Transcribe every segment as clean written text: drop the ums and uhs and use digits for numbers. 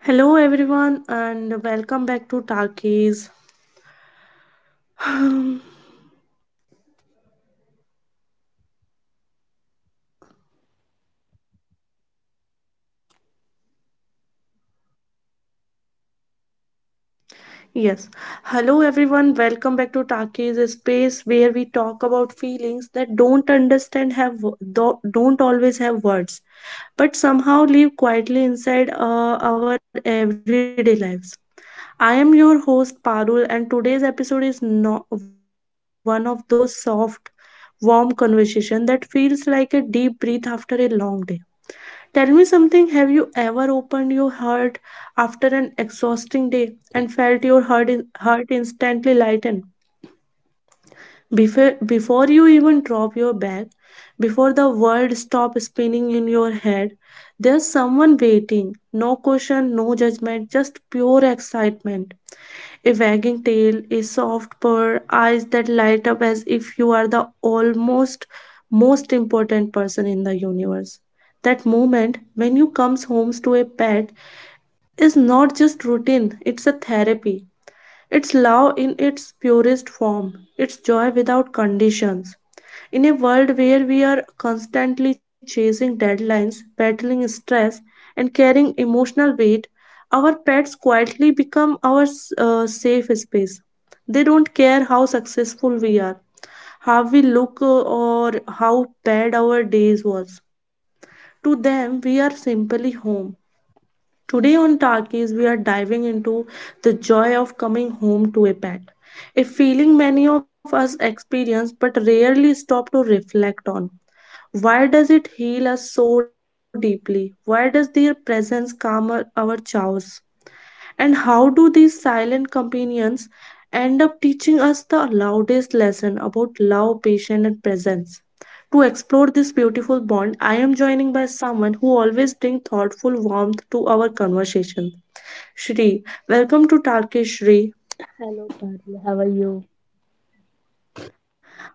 Hello, everyone, and welcome back to Takis. Yes, hello, everyone, welcome back to Takis, a space where we talk about feelings that don't understand have don't always have words, but somehow live quietly inside our everyday lives. I am your host Parul, and today's episode is not one of those soft, warm conversation that feels like a deep breath after a long day. Tell me something, have you ever opened your heart after an exhausting day and felt your heart instantly lighten? Before you even drop your bag, before the world stops spinning in your head, there's someone waiting. No question, no judgment, just pure excitement, a wagging tail, a soft purr, eyes that light up as if you are the almost most important person in the universe. That moment when you comes home to a pet is not just routine, it's a therapy. It's love in its purest form. It's joy without conditions. In a world where we are constantly chasing deadlines, battling stress, and carrying emotional weight, our pets quietly become our safe space. They don't care how successful we are, how we look, or how bad our days was. To them, we are simply home. Today on Talkies, we are diving into the joy of coming home to a pet, a feeling many of us experience but rarely stop to reflect on. Why does it heal us so deeply? Why does their presence calm our chaos? And how do these silent companions end up teaching us the loudest lesson about love, patience, and presence? To explore this beautiful bond, I am joining by someone who always brings thoughtful warmth to our conversation. Shri, welcome to Turkish Shri. Hello, Parul. How are you?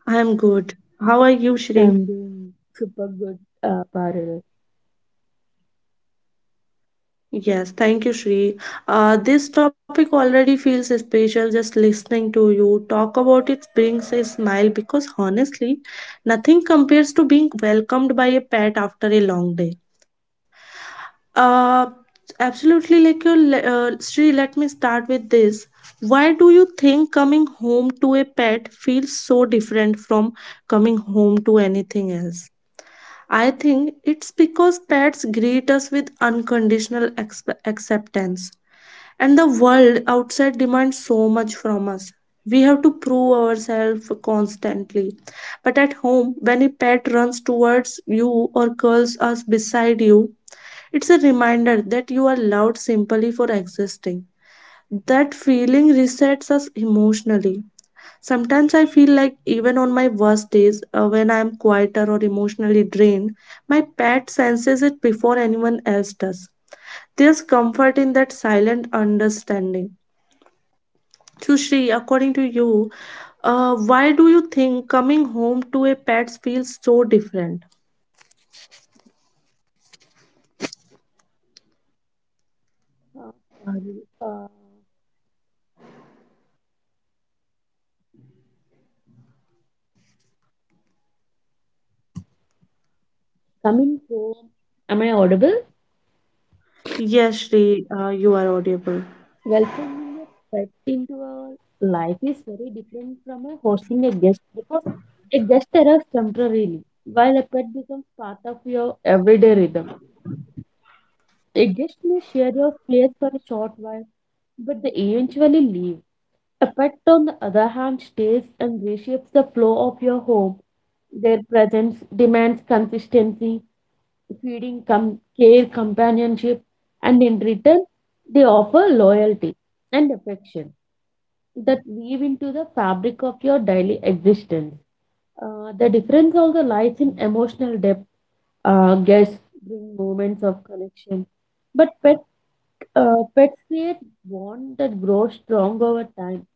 I am good. How are you, Shri? I'm doing super good, Parul. Yes, thank you, Shri. This topic already feels special just listening to you talk about it brings a smile because honestly, nothing compares to being welcomed by a pet after a long day. Uh, Absolutely, Shri. Let me start with this. Why do you think coming home to a pet feels so different from coming home to anything else? I think it's because pets greet us with unconditional acceptance and the world outside demands so much from us. We have to prove ourselves constantly. But at home, when a pet runs towards you or curls us beside you, it's a reminder that you are loved simply for existing. That feeling resets us emotionally. Sometimes I feel like even on my worst days, when I am quieter or emotionally drained, my pet senses it before anyone else does. There's comfort in that silent understanding. Sushri, according to you, why do you think coming home to a pet feels so different? Uh, Parul, uh, coming home, am I audible? Yes, Shri, you are audible. Welcoming a pet into our life is very different from a hosting a guest because a guest arrives temporarily, while a pet becomes part of your everyday rhythm. A guest may share your place for a short while, but they eventually leave. A pet, on the other hand, stays and reshapes the flow of your home. Their presence demands consistency, feeding, care, companionship, and in return, they offer loyalty and affection that weave into the fabric of your daily existence. The difference also lies in emotional depth. Guests bring moments of connection, but pets create bond that grows strong over time,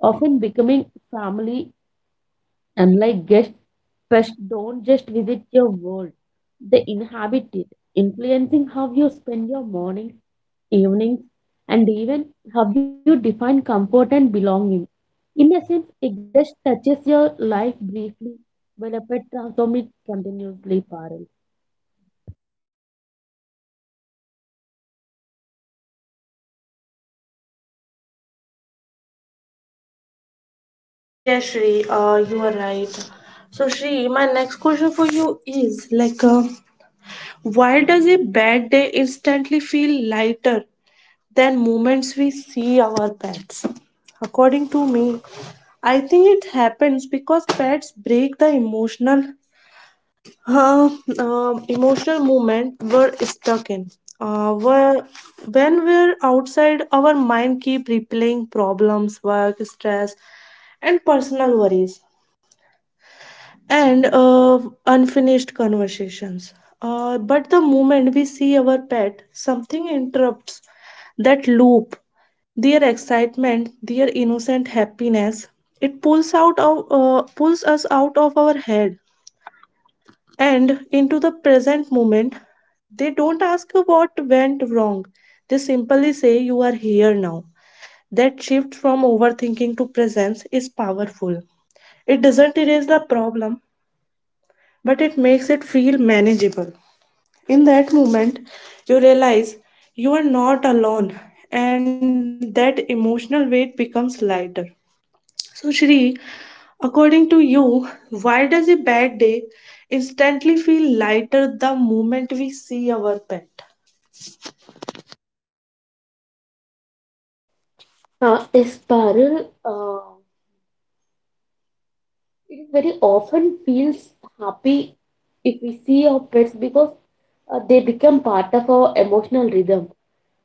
often becoming family. Unlike guests, pests don't just visit your world, they inhabit it, influencing how you spend your mornings, evenings, and even how you define comfort and belonging. In essence, a guest touches your life briefly, while a pet transforms it continuously. Parallel Yes, Shri, you are right. So, Shri, my next question for you is why does a bad day instantly feel lighter than moments we see our pets? According to me, I think it happens because pets break the emotional uh, emotional movement were stuck in. Uh, were, when we're outside, our mind keep replaying problems, work, stress, and personal worries, and unfinished conversations. But the moment we see our pet, something interrupts that loop. Their excitement, their innocent happiness, it pulls us out of our head and into the present moment. They don't ask what went wrong. They simply say, you are here now. That shift from overthinking to presence is powerful. It doesn't erase the problem, but it makes it feel manageable. In that moment, you realize you are not alone, and that emotional weight becomes lighter. So, Shri, according to you, why does a bad day instantly feel lighter the moment we see our pet? This parallel It very often feels happy if we see our pets because they become part of our emotional rhythm.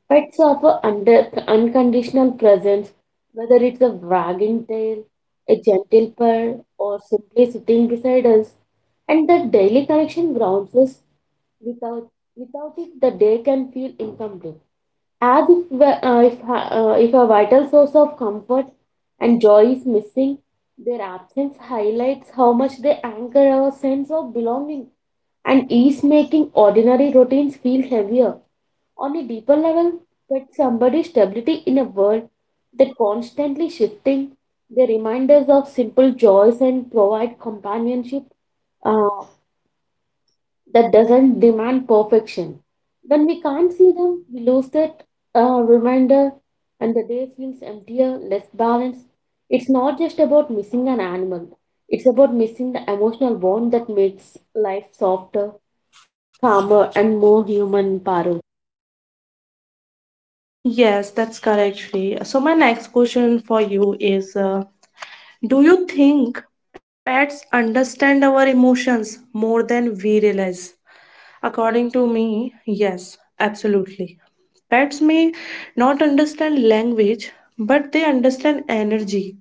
Pets offer under unconditional presence, whether it's a wagging tail, a gentle purr, or simply sitting beside us. And that daily connection grounds us. Without without it, the day can feel incomplete. As if we- if a vital source of comfort and joy is missing, their absence highlights how much they anchor our sense of belonging and is making ordinary routines feel heavier. On a deeper level, that somebody's stability in a world that constantly shifting, they remind us of simple joys and provide companionship uh, that doesn't demand perfection. When we can't see them, we lose that reminder, and the day feels emptier, less balanced. It's not just about missing an animal, it's about missing the emotional bond that makes life softer, calmer, and more human, Parul. Yes, that's correct, Shri. So, my next question for you is, do you think pets understand our emotions more than we realize? According to me, yes, absolutely. Pets may not understand language, but they understand energy,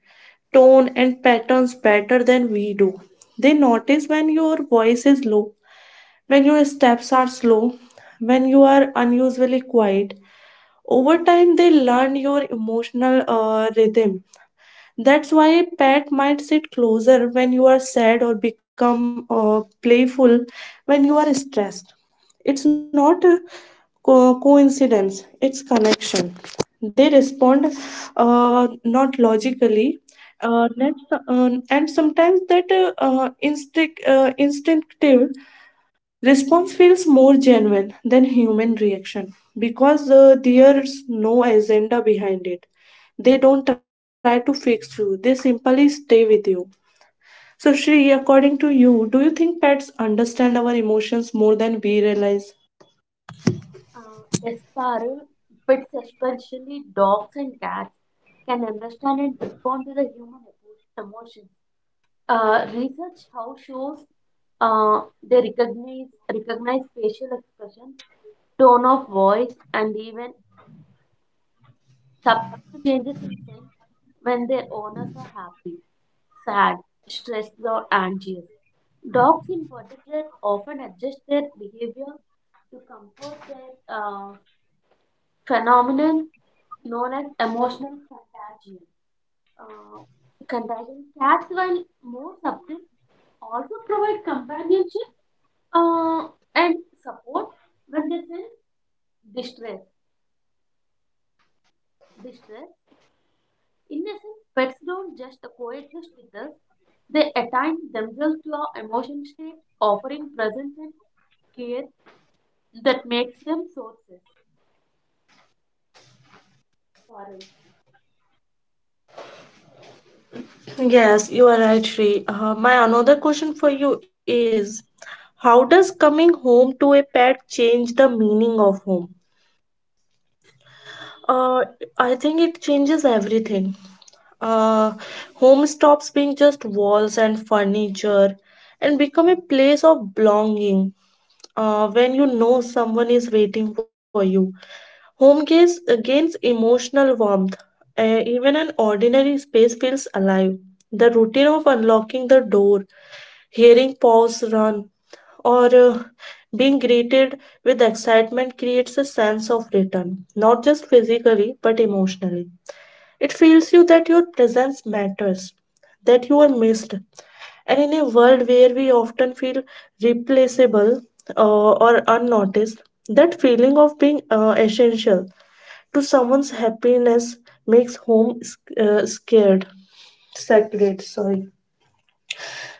tone and patterns better than we do. They notice when your voice is low, when your steps are slow, when you are unusually quiet. Over time, they learn your emotional rhythm. That's why a pet might sit closer when you are sad or become playful when you are stressed. It's not a coincidence, it's connection. They respond not logically. And sometimes that instinctive response feels more genuine than human reaction because there's no agenda behind it. They don't try to fix you, they simply stay with you. So, Shri, according to you, do you think pets understand our emotions more than we realize? Esparil, pets, especially dogs and cats, can understand and respond to the human emotions. Research how shows uh, they recognize facial expressions, tone of voice, and even subtle changes in scent when their owners are happy, sad, stressed, or anxious. Dogs, in particular, often adjust their behavior to comfort their phenomenon known as emotional contagion. Uh, Cats, while more subtle, also provide companionship uh, and support when they sense distress. Distress. In essence, pets don't just coexist with us; they attach themselves to our emotion state, offering presence and care that makes them sources. Parul. Yes, you are right, Shri. My another question for you is, how does coming home to a pet change the meaning of home? Uh, I think it changes everything. Uh, home stops being just walls and furniture and become a place of belonging. When you know someone is waiting for you, home gains emotional warmth. Even an ordinary space feels alive. The routine of unlocking the door, hearing paws run, or being greeted with excitement creates a sense of return, not just physically but emotionally. It feels you that your presence matters, that you are missed. And in a world where we often feel replaceable or unnoticed, that feeling of being essential to someone's happiness makes home scared. Sacred, sorry.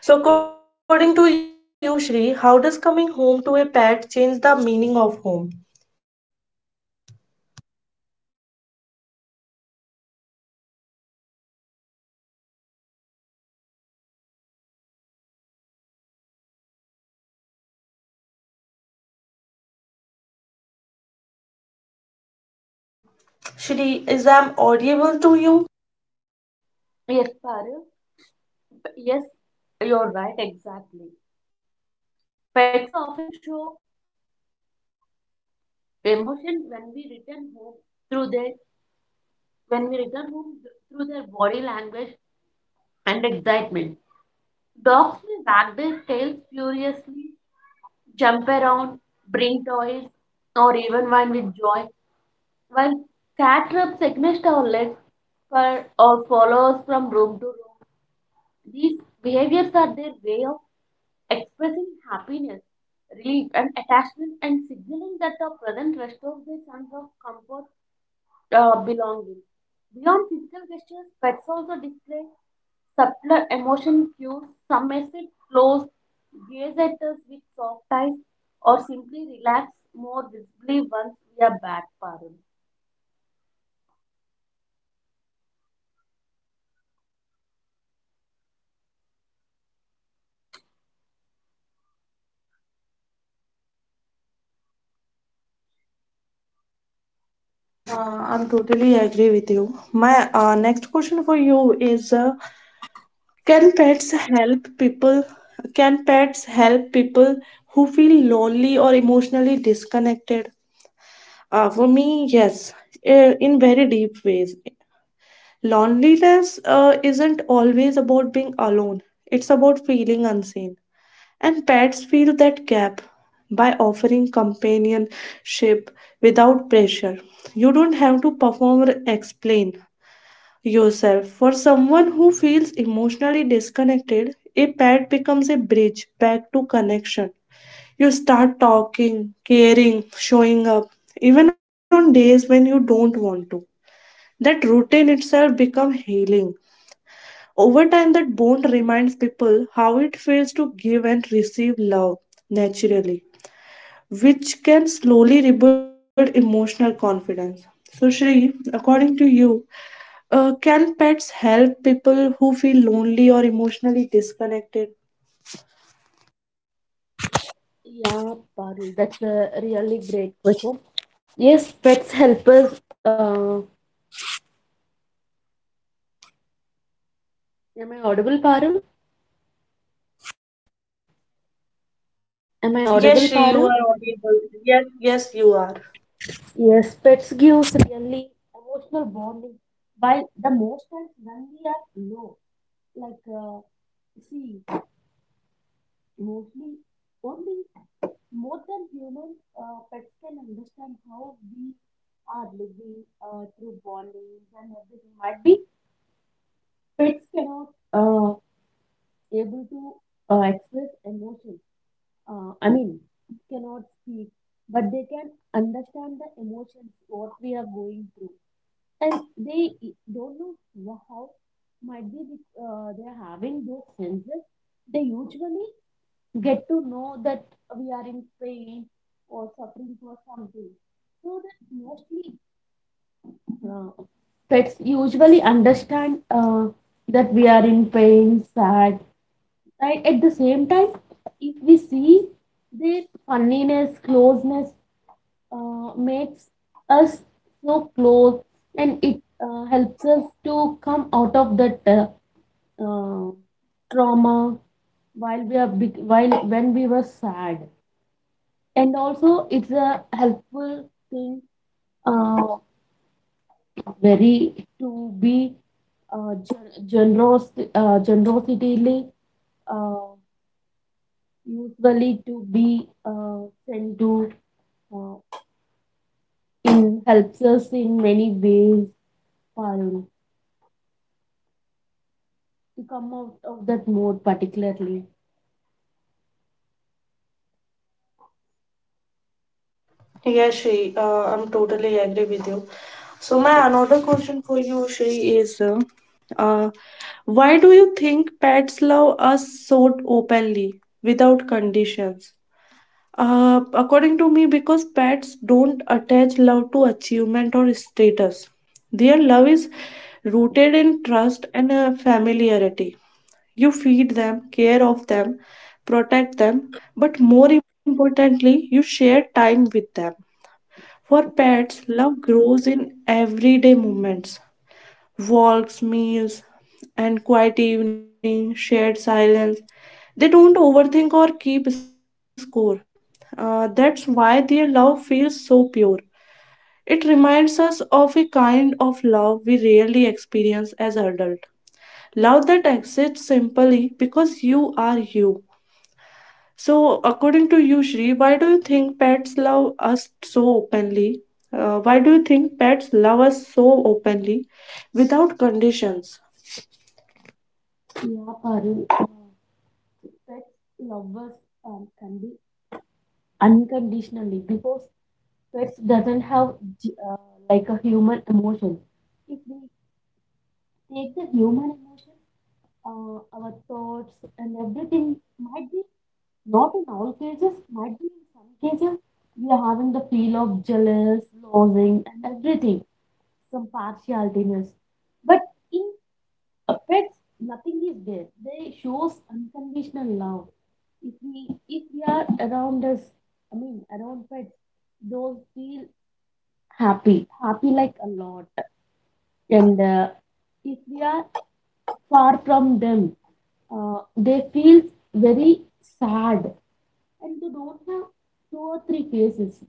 So, according to you, Shri, how does coming home to a pet change the meaning of home? Shri, is I'm audible to you? Yes, Parul. Yes, you're right. Exactly. Pets often show the emotion when we return home through their when we return home th- through their body language and excitement. Dogs may wag their tails furiously, jump around, bring toys, or even whine with joy, while cat rubs against our legs for, or follows from room to room. These behaviors are their way of expressing happiness, relief, and attachment, and signaling that our present restores their sense of comfort belonging. Beyond physical gestures, pets also display subtler emotion cues. Some may sit close, gaze at us with soft eyes, or simply relax more visibly once we are back, Parul. Yes, Shri, I'm totally agree with you. My next question for you is: can pets help people? Can pets help people who feel lonely or emotionally disconnected? For me, yes, in very deep ways. Loneliness isn't always about being alone. It's about feeling unseen, and pets fill that gap by offering companionship without pressure. You don't have to perform or explain yourself. For someone who feels emotionally disconnected, a pet becomes a bridge back to connection. You start talking, caring, showing up, even on days when you don't want to. That routine itself becomes healing. Over time, that bond reminds people how it feels to give and receive love naturally, which can slowly rebuild emotional confidence. So, Shri, according to you, can pets help people who feel lonely or emotionally disconnected? Yeah, Parul, that's a really great question. Yes, pets help us. Am I audible, Parul? Am I audible, Yes, Shri, Parul? you are audible. Yes, yes, you are. Yes, pets gives really emotional bonding. While the most times when we are low, like see, mostly only more than human, pets can understand how we are living through bondings, and everything might be pets cannot able to express emotions. I mean, cannot speak, but they can understand the emotions what we are going through. And they e, don't know wha- how might be the, They are having those senses. They usually get to know that we are in pain or suffering for something. So that mostly, uh, pets usually understand that we are in pain, sad. Right? At the same time, if we see their funniness, closeness makes us so close, and it helps us to come out of that uh, trauma. While we are big, while when we were sad. And also it's a helpful thing, uh, very to be gen- generous generosity, uh, usually to be sent to, uh, in helps us in many ways, Parul, to come out of that mode particularly. Yeah, Shri, I'm totally agree with you. So my another question for you, Shri, is uh, why do you think pets love us so openly without conditions? According to me, because pets don't attach love to achievement or status. Their love is rooted in trust and familiarity. You feed them, care of them, protect them, but more importantly, you share time with them. For pets, love grows in everyday moments, walks, meals, and quiet evening, shared silence. They don't overthink or keep score. That's why their love feels so pure. It reminds us of a kind of love we rarely experience as adults. Love that exists simply because you are you. So, according to you, Shri, why do you think pets love us so openly? Why do you think pets love us so openly without conditions? Yeah, Parul, pets love us, can be unconditionally, because pets doesn't have j- uh, like a human emotion. If we take the human emotions, our thoughts, and everything might be, not in all cases, might be in some cases we are having the feel of jealous, losing, and everything, some partialitiness. But in pets, nothing is there. They shows unconditional love. If we are around us, I mean around pets, those feel happy, happy like a lot, and if we are far from them, they feel very sad, and they don't have two or three faces.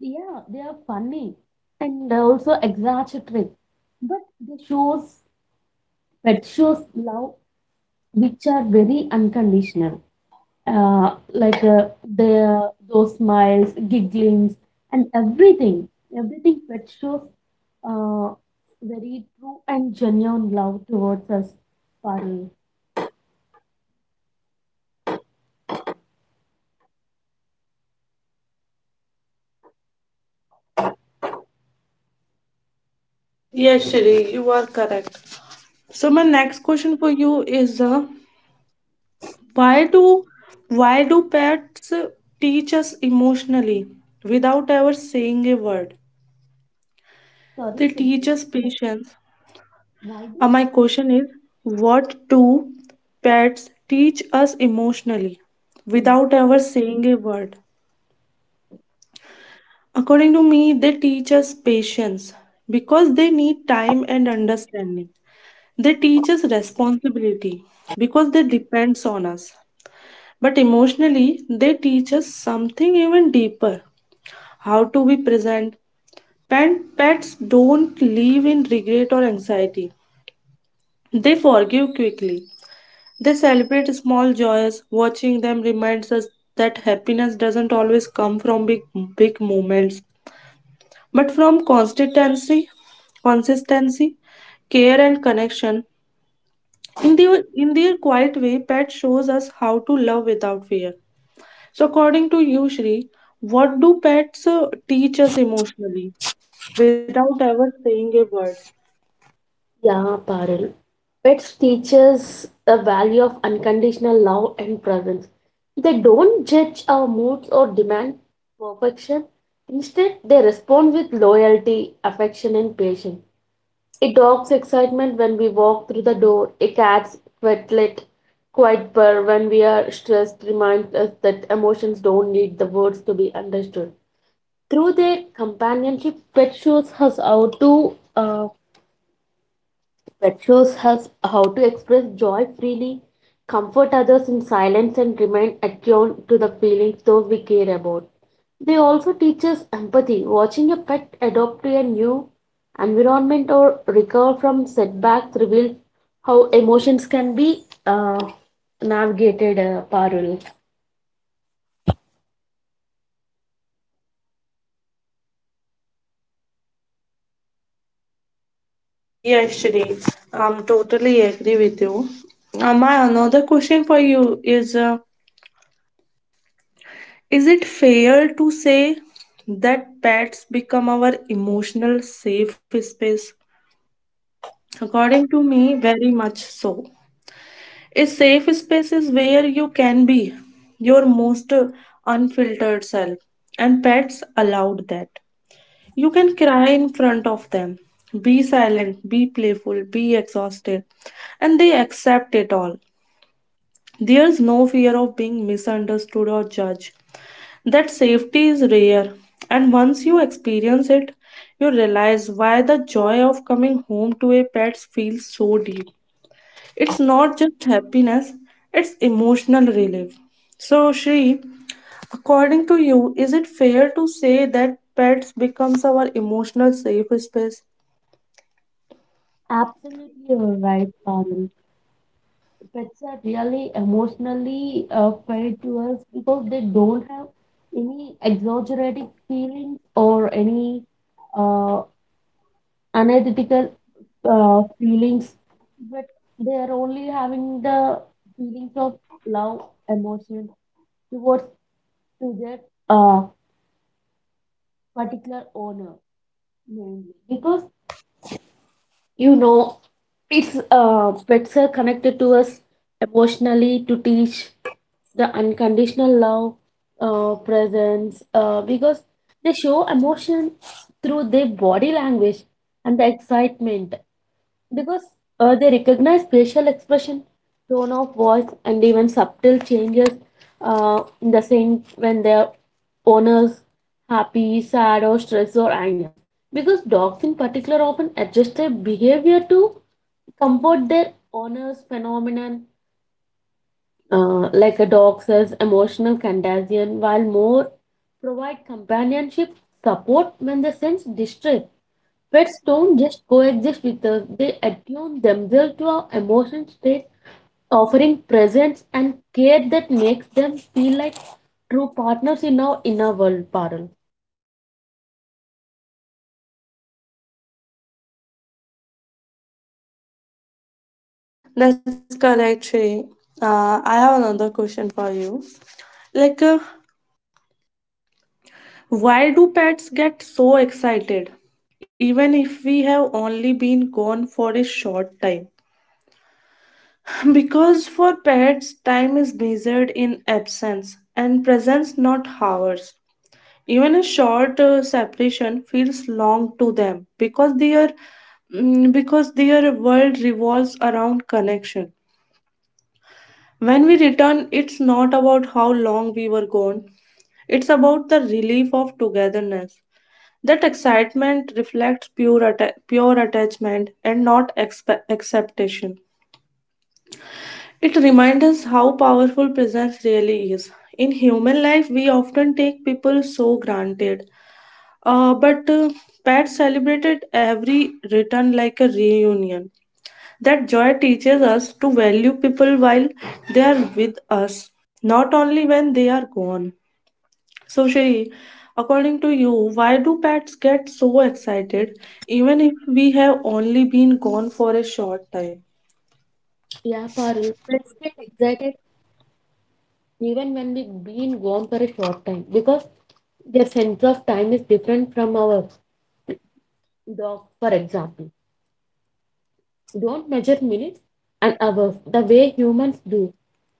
Yeah, they are funny and also exaggerated, but they shows pet shows love which are very unconditional. Their those smiles, gigglings, and everything, everything pet shows uh, very true and genuine love towards us. Parul. Yes, Shri, you are correct. So, my next question for you is, why do why do pets teach us emotionally without ever saying a word? Sorry, They can you teach us like patience. why My question is, what do pets teach us emotionally do without ever saying a word? According to me, they teach us patience because they need time and understanding. They teach us responsibility because they depends on us. But emotionally, they teach us something even deeper, how to be present. Pets don't live in regret or anxiety, they forgive quickly. They celebrate small joys. Watching them reminds us that happiness doesn't always come from big moments, but from consistency, care and connection. In their quiet way, pet shows us how to love without fear. So according to you, Shri, what do pets teach us emotionally without ever saying a word? Yeah, Parul. Pets teach us the value of unconditional love and presence. They don't judge our moods or demand perfection. Instead, they respond with loyalty, affection, and patience. A dog's excitement when we walk through the door, a quiet purr when we are stressed, reminds us that emotions don't need the words to be understood. Through their companionship, pet shows us how to that shows us how to express joy freely, comfort others in silence, and remain attuned to the feelings those we care about. They also teach us empathy. Watching a pet adopt to a new environment or recover from setbacks reveals how emotions can be navigated, Parul. Yes, Shri, I'm totally agree with you. My another question for you is. Is it fair to say that pets become our emotional safe space? According to me, very much so. A safe space is where you can be your most unfiltered self, and pets allowed that. You can cry in front of them, be silent, be playful, be exhausted, and they accept it all. There's no fear of being misunderstood or judged. That safety is rare, and once you experience it, you realize why the joy of coming home to a pet feels so deep. It's not just happiness, it's emotional relief. So, Shri, according to you, is it fair to say that pets becomes our emotional safe space? Absolutely, you're right, Parul. Pets are really emotionally fed to us because they don't have any exaggerated feelings or any uh, unethical feelings, but they are only having the feelings of love, emotion towards to their uh, particular owner, mainly because, you know, it's pets are connected to us emotionally to teach the unconditional love, presence, because they show emotion through their body language and the excitement, because they recognize facial expression, tone of voice, and even subtle changes in the scent when their owners happy, sad, or stressed, or anger. Because dogs in particular often adjust their behavior to comfort their owners. Phenomenon, like a dog says, emotional contagion, while more provide companionship support when they sense distress. Pets don't just coexist with us, they attune themselves to our emotional states, offering presence and care that makes them feel like true partners in our inner world, Parul. That's correct, Shri. I have another question for you. Like, uh, Why do pets get so excited, even if we have only been gone for a short time? Because for pets, time is measured in absence and presence, not hours. Even a short separation feels long to them because their world revolves around connection. When we return, it's not about how long we were gone; it's about the relief of togetherness. That excitement reflects pure attachment and not acceptation. It reminds us how powerful presence really is. In human life, we often take people so granted. But pets celebrated every return like a reunion. That joy teaches us to value people while they are with us, not only when they are gone. So, Sherry, according to you, why do pets get so excited even if we have only been gone for a short time? Yeah, Parul. Pets get excited even when we've been gone for a short time because their sense of time is different from our dog, for example. Don't measure minutes and hours the way humans do.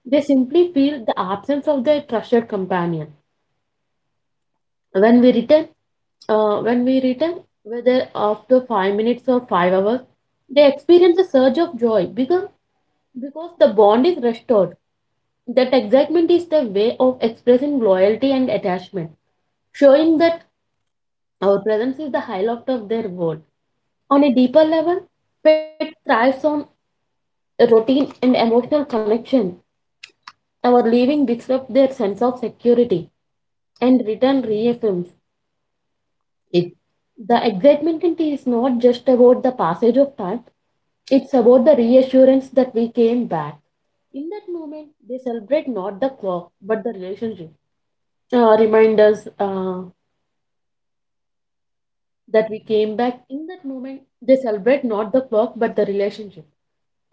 They simply feel the absence of their trusted companion. When we return, when we return, whether after 5 minutes or 5 hours, they experience a surge of joy because the bond is restored. That excitement is the way of expressing loyalty and attachment, showing that our presence is the highlight of their world. On a deeper level, pet thrives on a routine and emotional connection. Our leaving disrupts their sense of security, and return reaffirms it. The excitement is not just about the passage of time. It's about the reassurance that we came back. In that moment, they celebrate not the clock, but the relationship. Remind us that we came back. In that moment, they celebrate not the clock, but the relationship.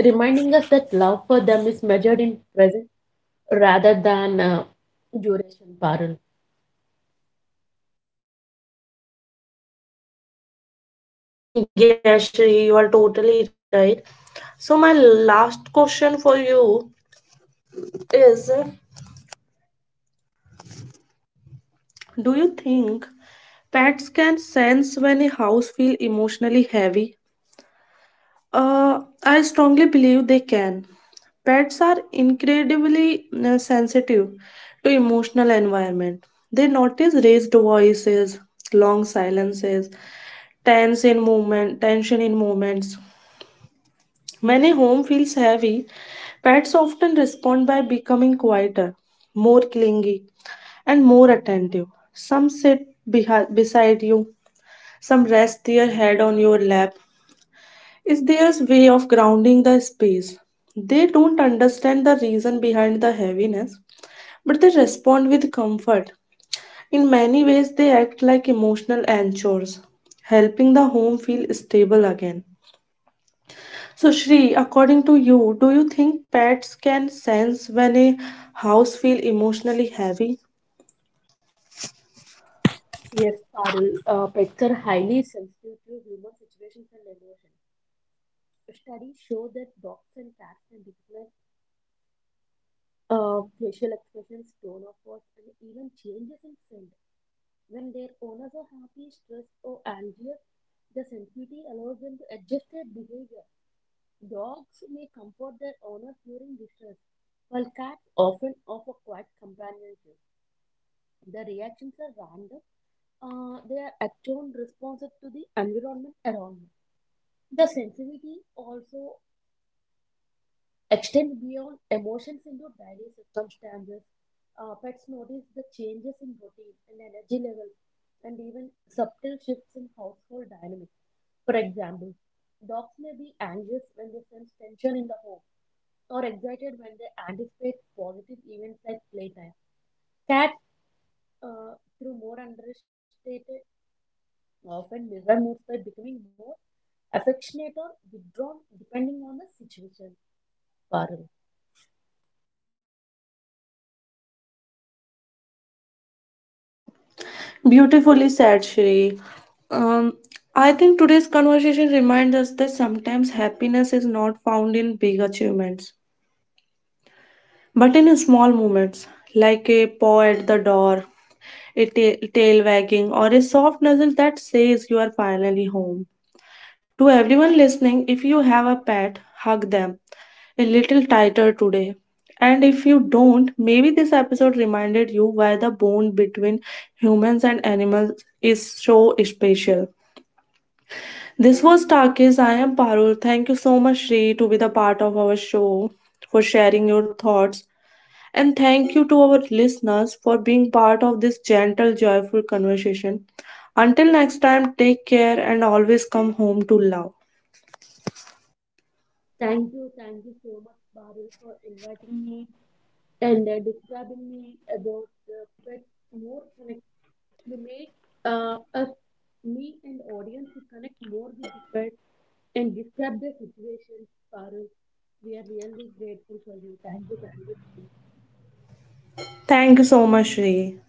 Reminding us that love for them is measured in present rather than duration, Parul. Yeah, Shri, you are totally right. So, my last question for you is, do you think pets can sense when a house feels emotionally heavy? I strongly believe they can. Pets are incredibly sensitive to emotional environment. They notice raised voices, long silences, tense in movement, tension in movements. Many home feels heavy. Pets often respond by becoming quieter, more clingy, and more attentive. Some sit beside you, some rest their head on your lap, is their way of grounding the space. They don't understand the reason behind the heaviness, but they respond with comfort. In many ways, they act like emotional anchors, helping the home feel stable again. So, Shri, according to you, do you think pets can sense when a house feels emotionally heavy? Yes, Parul. Pets are highly sensitive to human situations and emotions. Studies show that dogs and cats can recognize facial expressions, tone of voice, and even changes in scent. When their owners are happy, stressed, or anxious, the sensitivity allows them to adjust their behavior. Dogs may comfort their owners during distress, while cats often offer quiet companionship. The reactions are random. They are attuned responsive to the environment around them. The sensitivity also extend beyond emotions into daily circumstances. Pets notice the changes in routine and energy levels, and even subtle shifts in household dynamics. For example, dogs may be anxious when they sense tension in the home, or excited when they anticipate positive events like playtime. Cats, through more understated, often mirror moods by becoming more affectionate or withdrawn depending on the situation. Parul. Beautifully said, Shri. Um, I think today's conversation reminds us that sometimes happiness is not found in big achievements, but in small moments, like a paw at the door, a tail wagging, or a soft nuzzle that says you are finally home. To everyone listening, if you have a pet, hug them a little tighter today. And if you don't, maybe this episode reminded you why the bond between humans and animals is so special. This was Takis. I am Parul. Thank you so much, Shri, to be the part of our show, for sharing your thoughts, and thank you to our listeners for being part of this gentle, joyful conversation. Until next time, take care and always come home to love. Thank you so much, Baril, for inviting me and describing me about the pets more connect. You made us, me and audience, to connect more with the pets and describe their situations, Baril. We are really grateful for you. Thank you, thank you. Thank you so much, Shree.